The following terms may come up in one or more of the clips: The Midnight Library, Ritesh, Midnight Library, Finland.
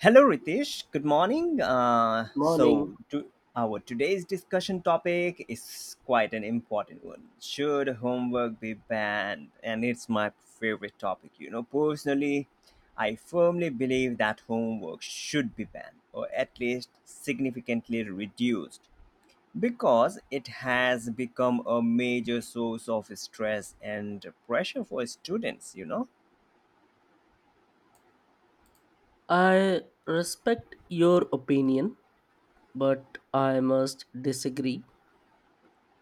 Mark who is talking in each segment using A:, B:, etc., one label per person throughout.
A: Hello, Ritesh. Good morning.
B: Morning.
A: Our today's discussion topic is quite an important one. Should homework be banned? And it's my favorite topic. You know, personally, I firmly believe that homework should be banned or at least significantly reduced because it has become a major source of stress and pressure for students.
B: I respect your opinion, but I must disagree.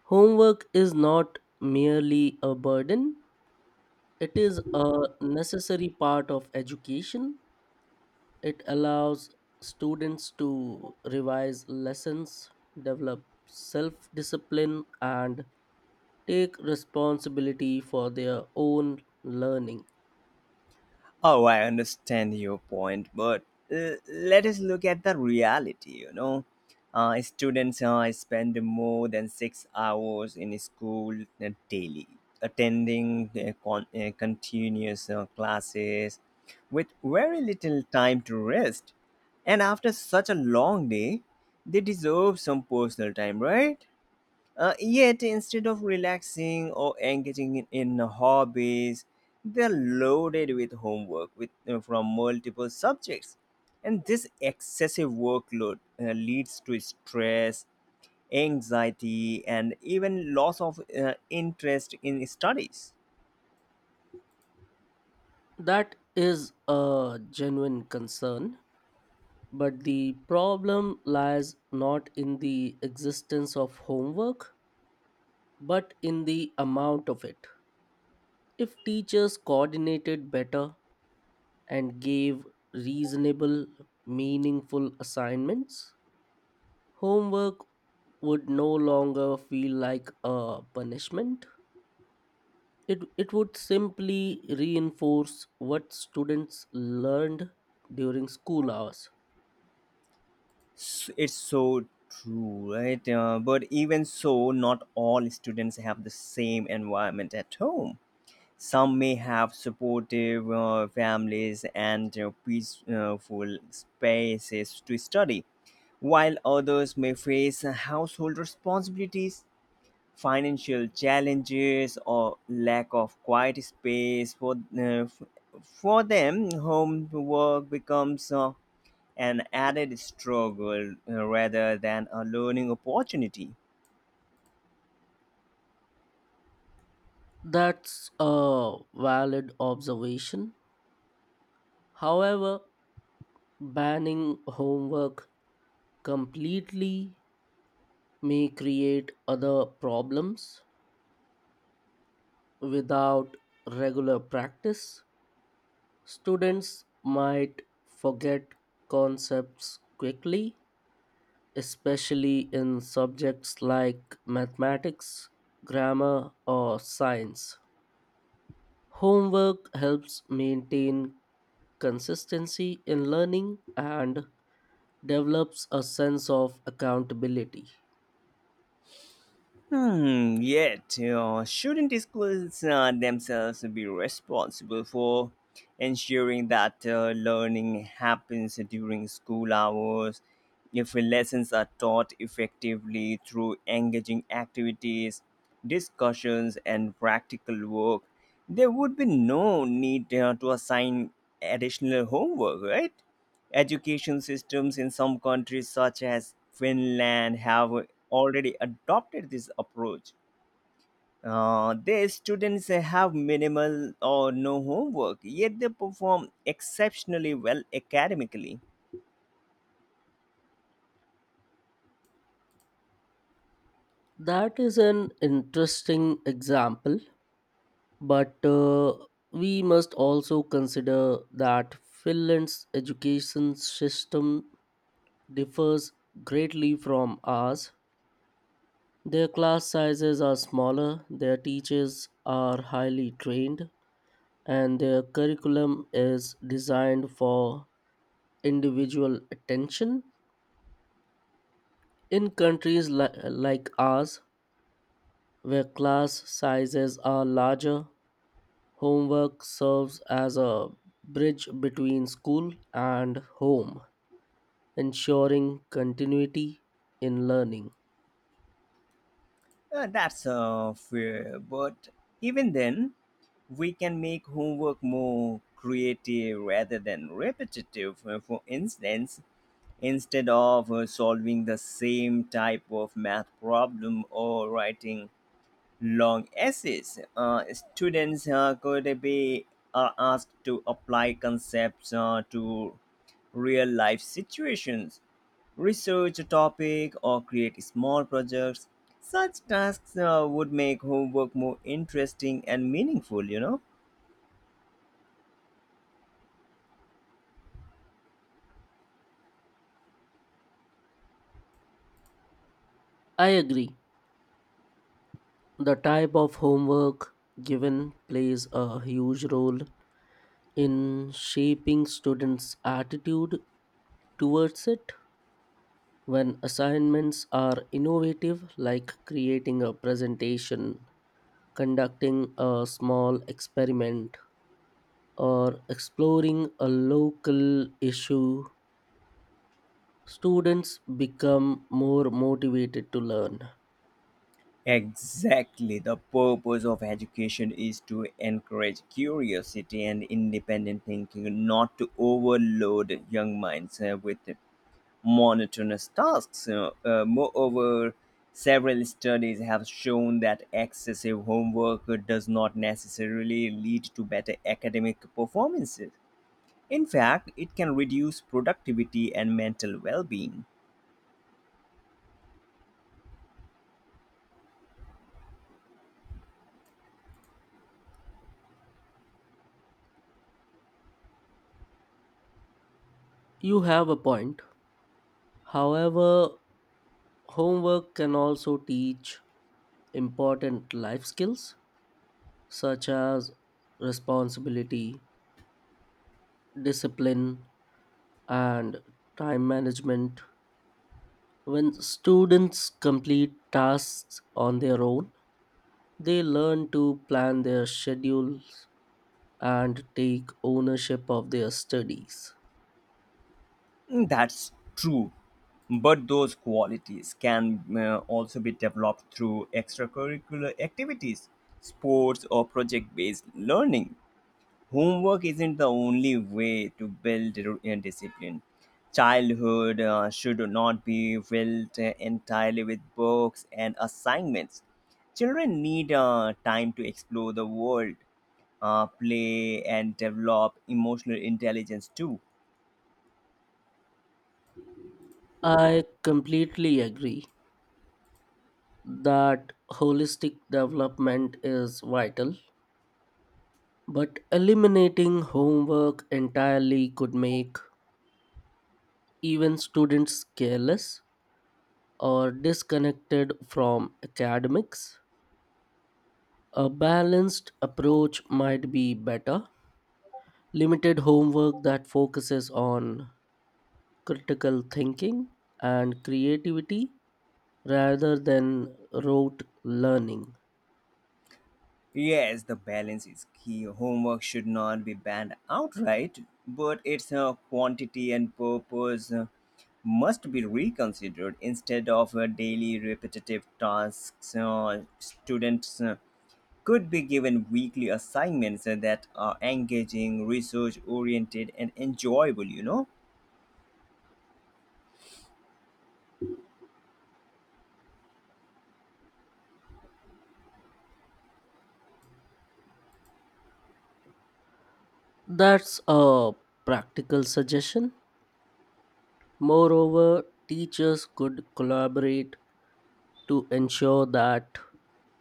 B: Homework is not merely a burden, it is a necessary part of education. It allows students to revise lessons, develop self discipline, and take responsibility for their own learning.
A: Oh, I understand your point, but let us look at the reality, you know. Students spend more than 6 hours in school daily, attending continuous classes with very little time to rest. And after such a long day, they deserve some personal time, right? Yet, instead of relaxing or engaging in hobbies, they're loaded with homework with, from multiple subjects. And this excessive workload leads to stress, anxiety, and even loss of interest in studies.
B: That is a genuine concern, but the problem lies not in the existence of homework, but in the amount of it. If teachers coordinated better and gave reasonable, meaningful assignments, homework would no longer feel like a punishment. It would simply reinforce what students learned during school hours.
A: It's so true, right? But even so, not all students have the same environment at home. Some may have supportive families and peaceful spaces to study, while others may face household responsibilities, financial challenges, or lack of quiet space. F- for them, homework becomes an added struggle rather than a learning opportunity.
B: That's a valid observation. However, banning homework completely may create other problems. Without regular practice, students might forget concepts quickly, especially in subjects like mathematics, grammar, or science. Homework helps maintain consistency in learning and develops a sense of accountability.
A: Hmm, yet, you know, shouldn't schools themselves be responsible for ensuring that learning happens during school hours? If lessons are taught effectively through engaging activities, discussions, and practical work, there would be no need to assign additional homework, right? Education systems in some countries, such as Finland, have already adopted this approach. Their students have minimal or no homework, yet they perform exceptionally well academically.
B: That is an interesting example, but we must also consider that Finland's education system differs greatly from ours. Their class sizes are smaller, their teachers are highly trained, and their curriculum is designed for individual attention. In countries like ours, where class sizes are larger, homework serves as a bridge between school and home, ensuring continuity in learning.
A: That's fair, but even then, we can make homework more creative rather than repetitive. For instance, instead of solving the same type of math problem or writing long essays. Students could be asked to apply concepts to real life situations, research a topic, or create small projects. Such tasks would make homework more interesting and meaningful, you know.
B: I agree. The type of homework given plays a huge role in shaping students' attitude towards it. When assignments are innovative, like creating a presentation, conducting a small experiment, or exploring a local issue, students become more motivated to learn.
A: Exactly. The purpose of education is to encourage curiosity and independent thinking, not to overload young minds with monotonous tasks. You know. Moreover, several studies have shown that excessive homework does not necessarily lead to better academic performances. In fact, it can reduce productivity and mental well being.
B: You have a point. However, homework can also teach important life skills such as responsibility, discipline, and time management. When students complete tasks on their own, they learn to plan their schedules and take ownership of their studies.
A: That's true. But those qualities can also be developed through extracurricular activities, sports, or project based learning. Homework isn't the only way to build discipline. Childhood should not be filled entirely with books and assignments. Children need time to explore the world, play, and develop emotional intelligence too.
B: I completely agree that holistic development is vital, but eliminating homework entirely could make even students careless or disconnected from academics. A balanced approach might be better. Limited homework that focuses on critical thinking and creativity rather than rote learning.
A: Yes, the balance is key. Homework should not be banned outright, but its quantity and purpose must be reconsidered instead of daily repetitive tasks. Students could be given weekly assignments that are engaging, research oriented, and enjoyable, you know?
B: That's a practical suggestion. Moreover, teachers could collaborate to ensure that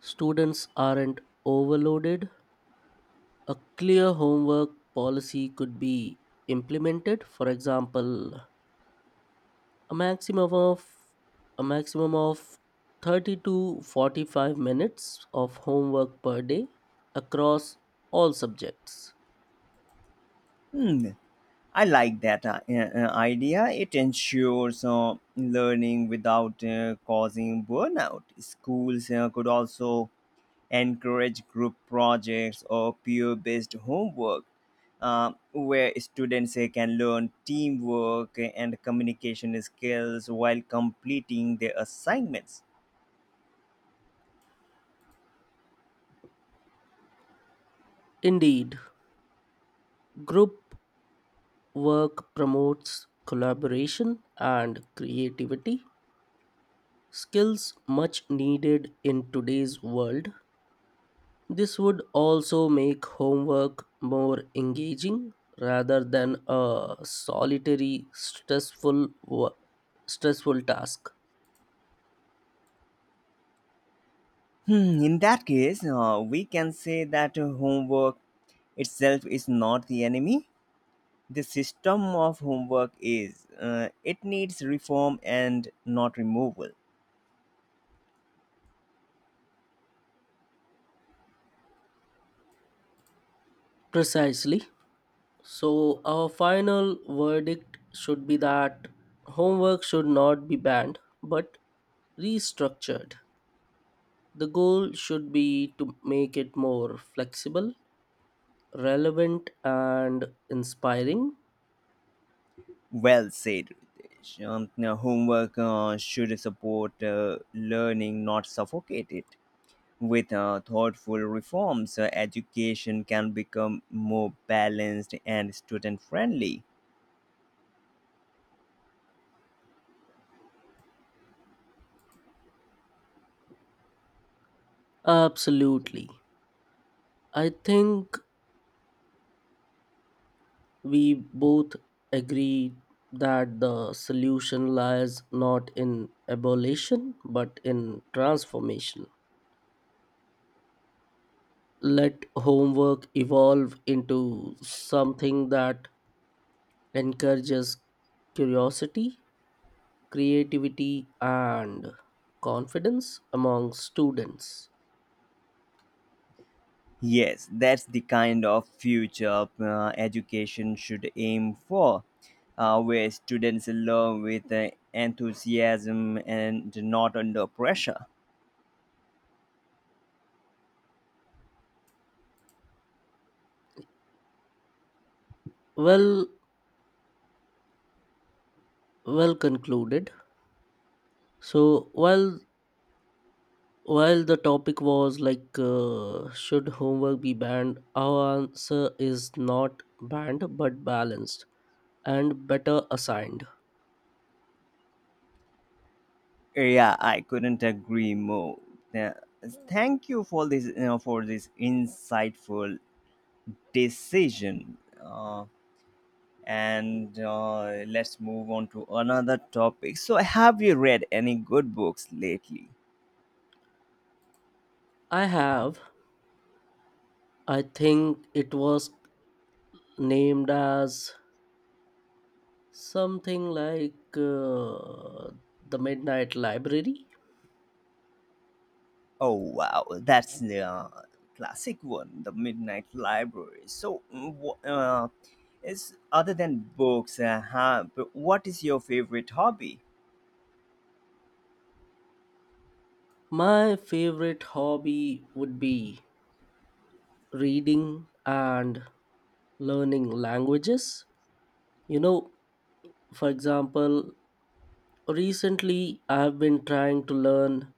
B: students aren't overloaded. A clear homework policy could be implemented, for example, a maximum of a maximum of 30 to 45 minutes of homework per day across all subjects.
A: Hmm, I like that idea. It ensures learning without causing burnout. Schools could also encourage group projects or peer based homework where students can learn teamwork and communication skills while completing their assignments.
B: Indeed, group work promotes collaboration and creativity skills much needed in today's world. This would also make homework more engaging rather than a solitary stressful task.
A: Hmm, in that case, we can say that homework itself is not the enemy. The system of homework is. It needs reform and not removal.
B: Precisely. So, our final verdict should be that homework should not be banned but restructured. The goal should be to make it more flexible, relevant, and inspiring.
A: Well said, Ritesh. Now, homework should support learning, not suffocate it. With thoughtful reforms, education can become more balanced and student friendly.
B: Absolutely. I think we both agree that the solution lies not in abolition but in transformation. Let homework evolve into something that encourages curiosity, creativity, and confidence among students.
A: Yes, that's the kind of future education should aim for, where students learn with enthusiasm and not under pressure.
B: Well, well concluded. So while the topic was like should homework be banned, our answer is not banned but balanced and better assigned.
A: Yeah, I couldn't agree more. Uh, thank you for for this insightful decision. Uh, and let's move on to another topic. So, have you read any good books lately?
B: I have. I think it was named as something like the Midnight Library.
A: Oh wow, that's the classic one, the Midnight Library. So, is other than books, but what is your favorite hobby?
B: My favorite hobby would be reading and learning languages. You know, for example, recently I've been trying to learn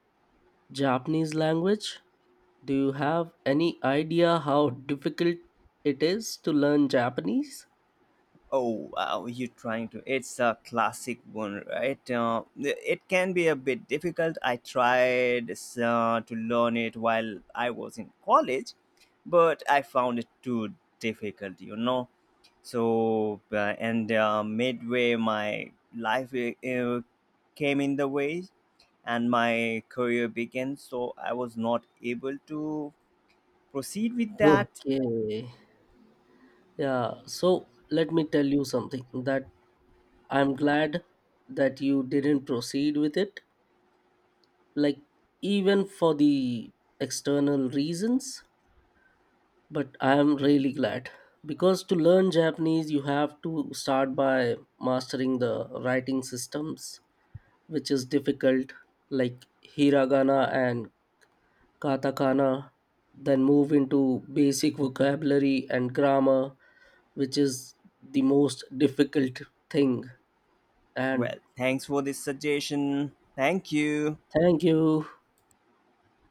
B: Japanese language. Do you have any idea how difficult it is to learn Japanese?
A: Oh wow, you're trying to. It's a classic one, right? It can be a bit difficult. I tried to learn it while I was in college, but I found it too difficult, you know. So, and midway, my life came in the way and my career began, so I was not able to proceed with that.
B: Okay. Yeah. So let me tell you something. That I'm glad that you didn't proceed with it, like even for the external reasons. But I'm really glad, because to learn Japanese, you have to start by mastering the writing systems, which is difficult, like hiragana and katakana, then move into basic vocabulary and grammar, which is the most difficult thing. And
A: Well, thanks for this suggestion. Thank you.
B: thank you.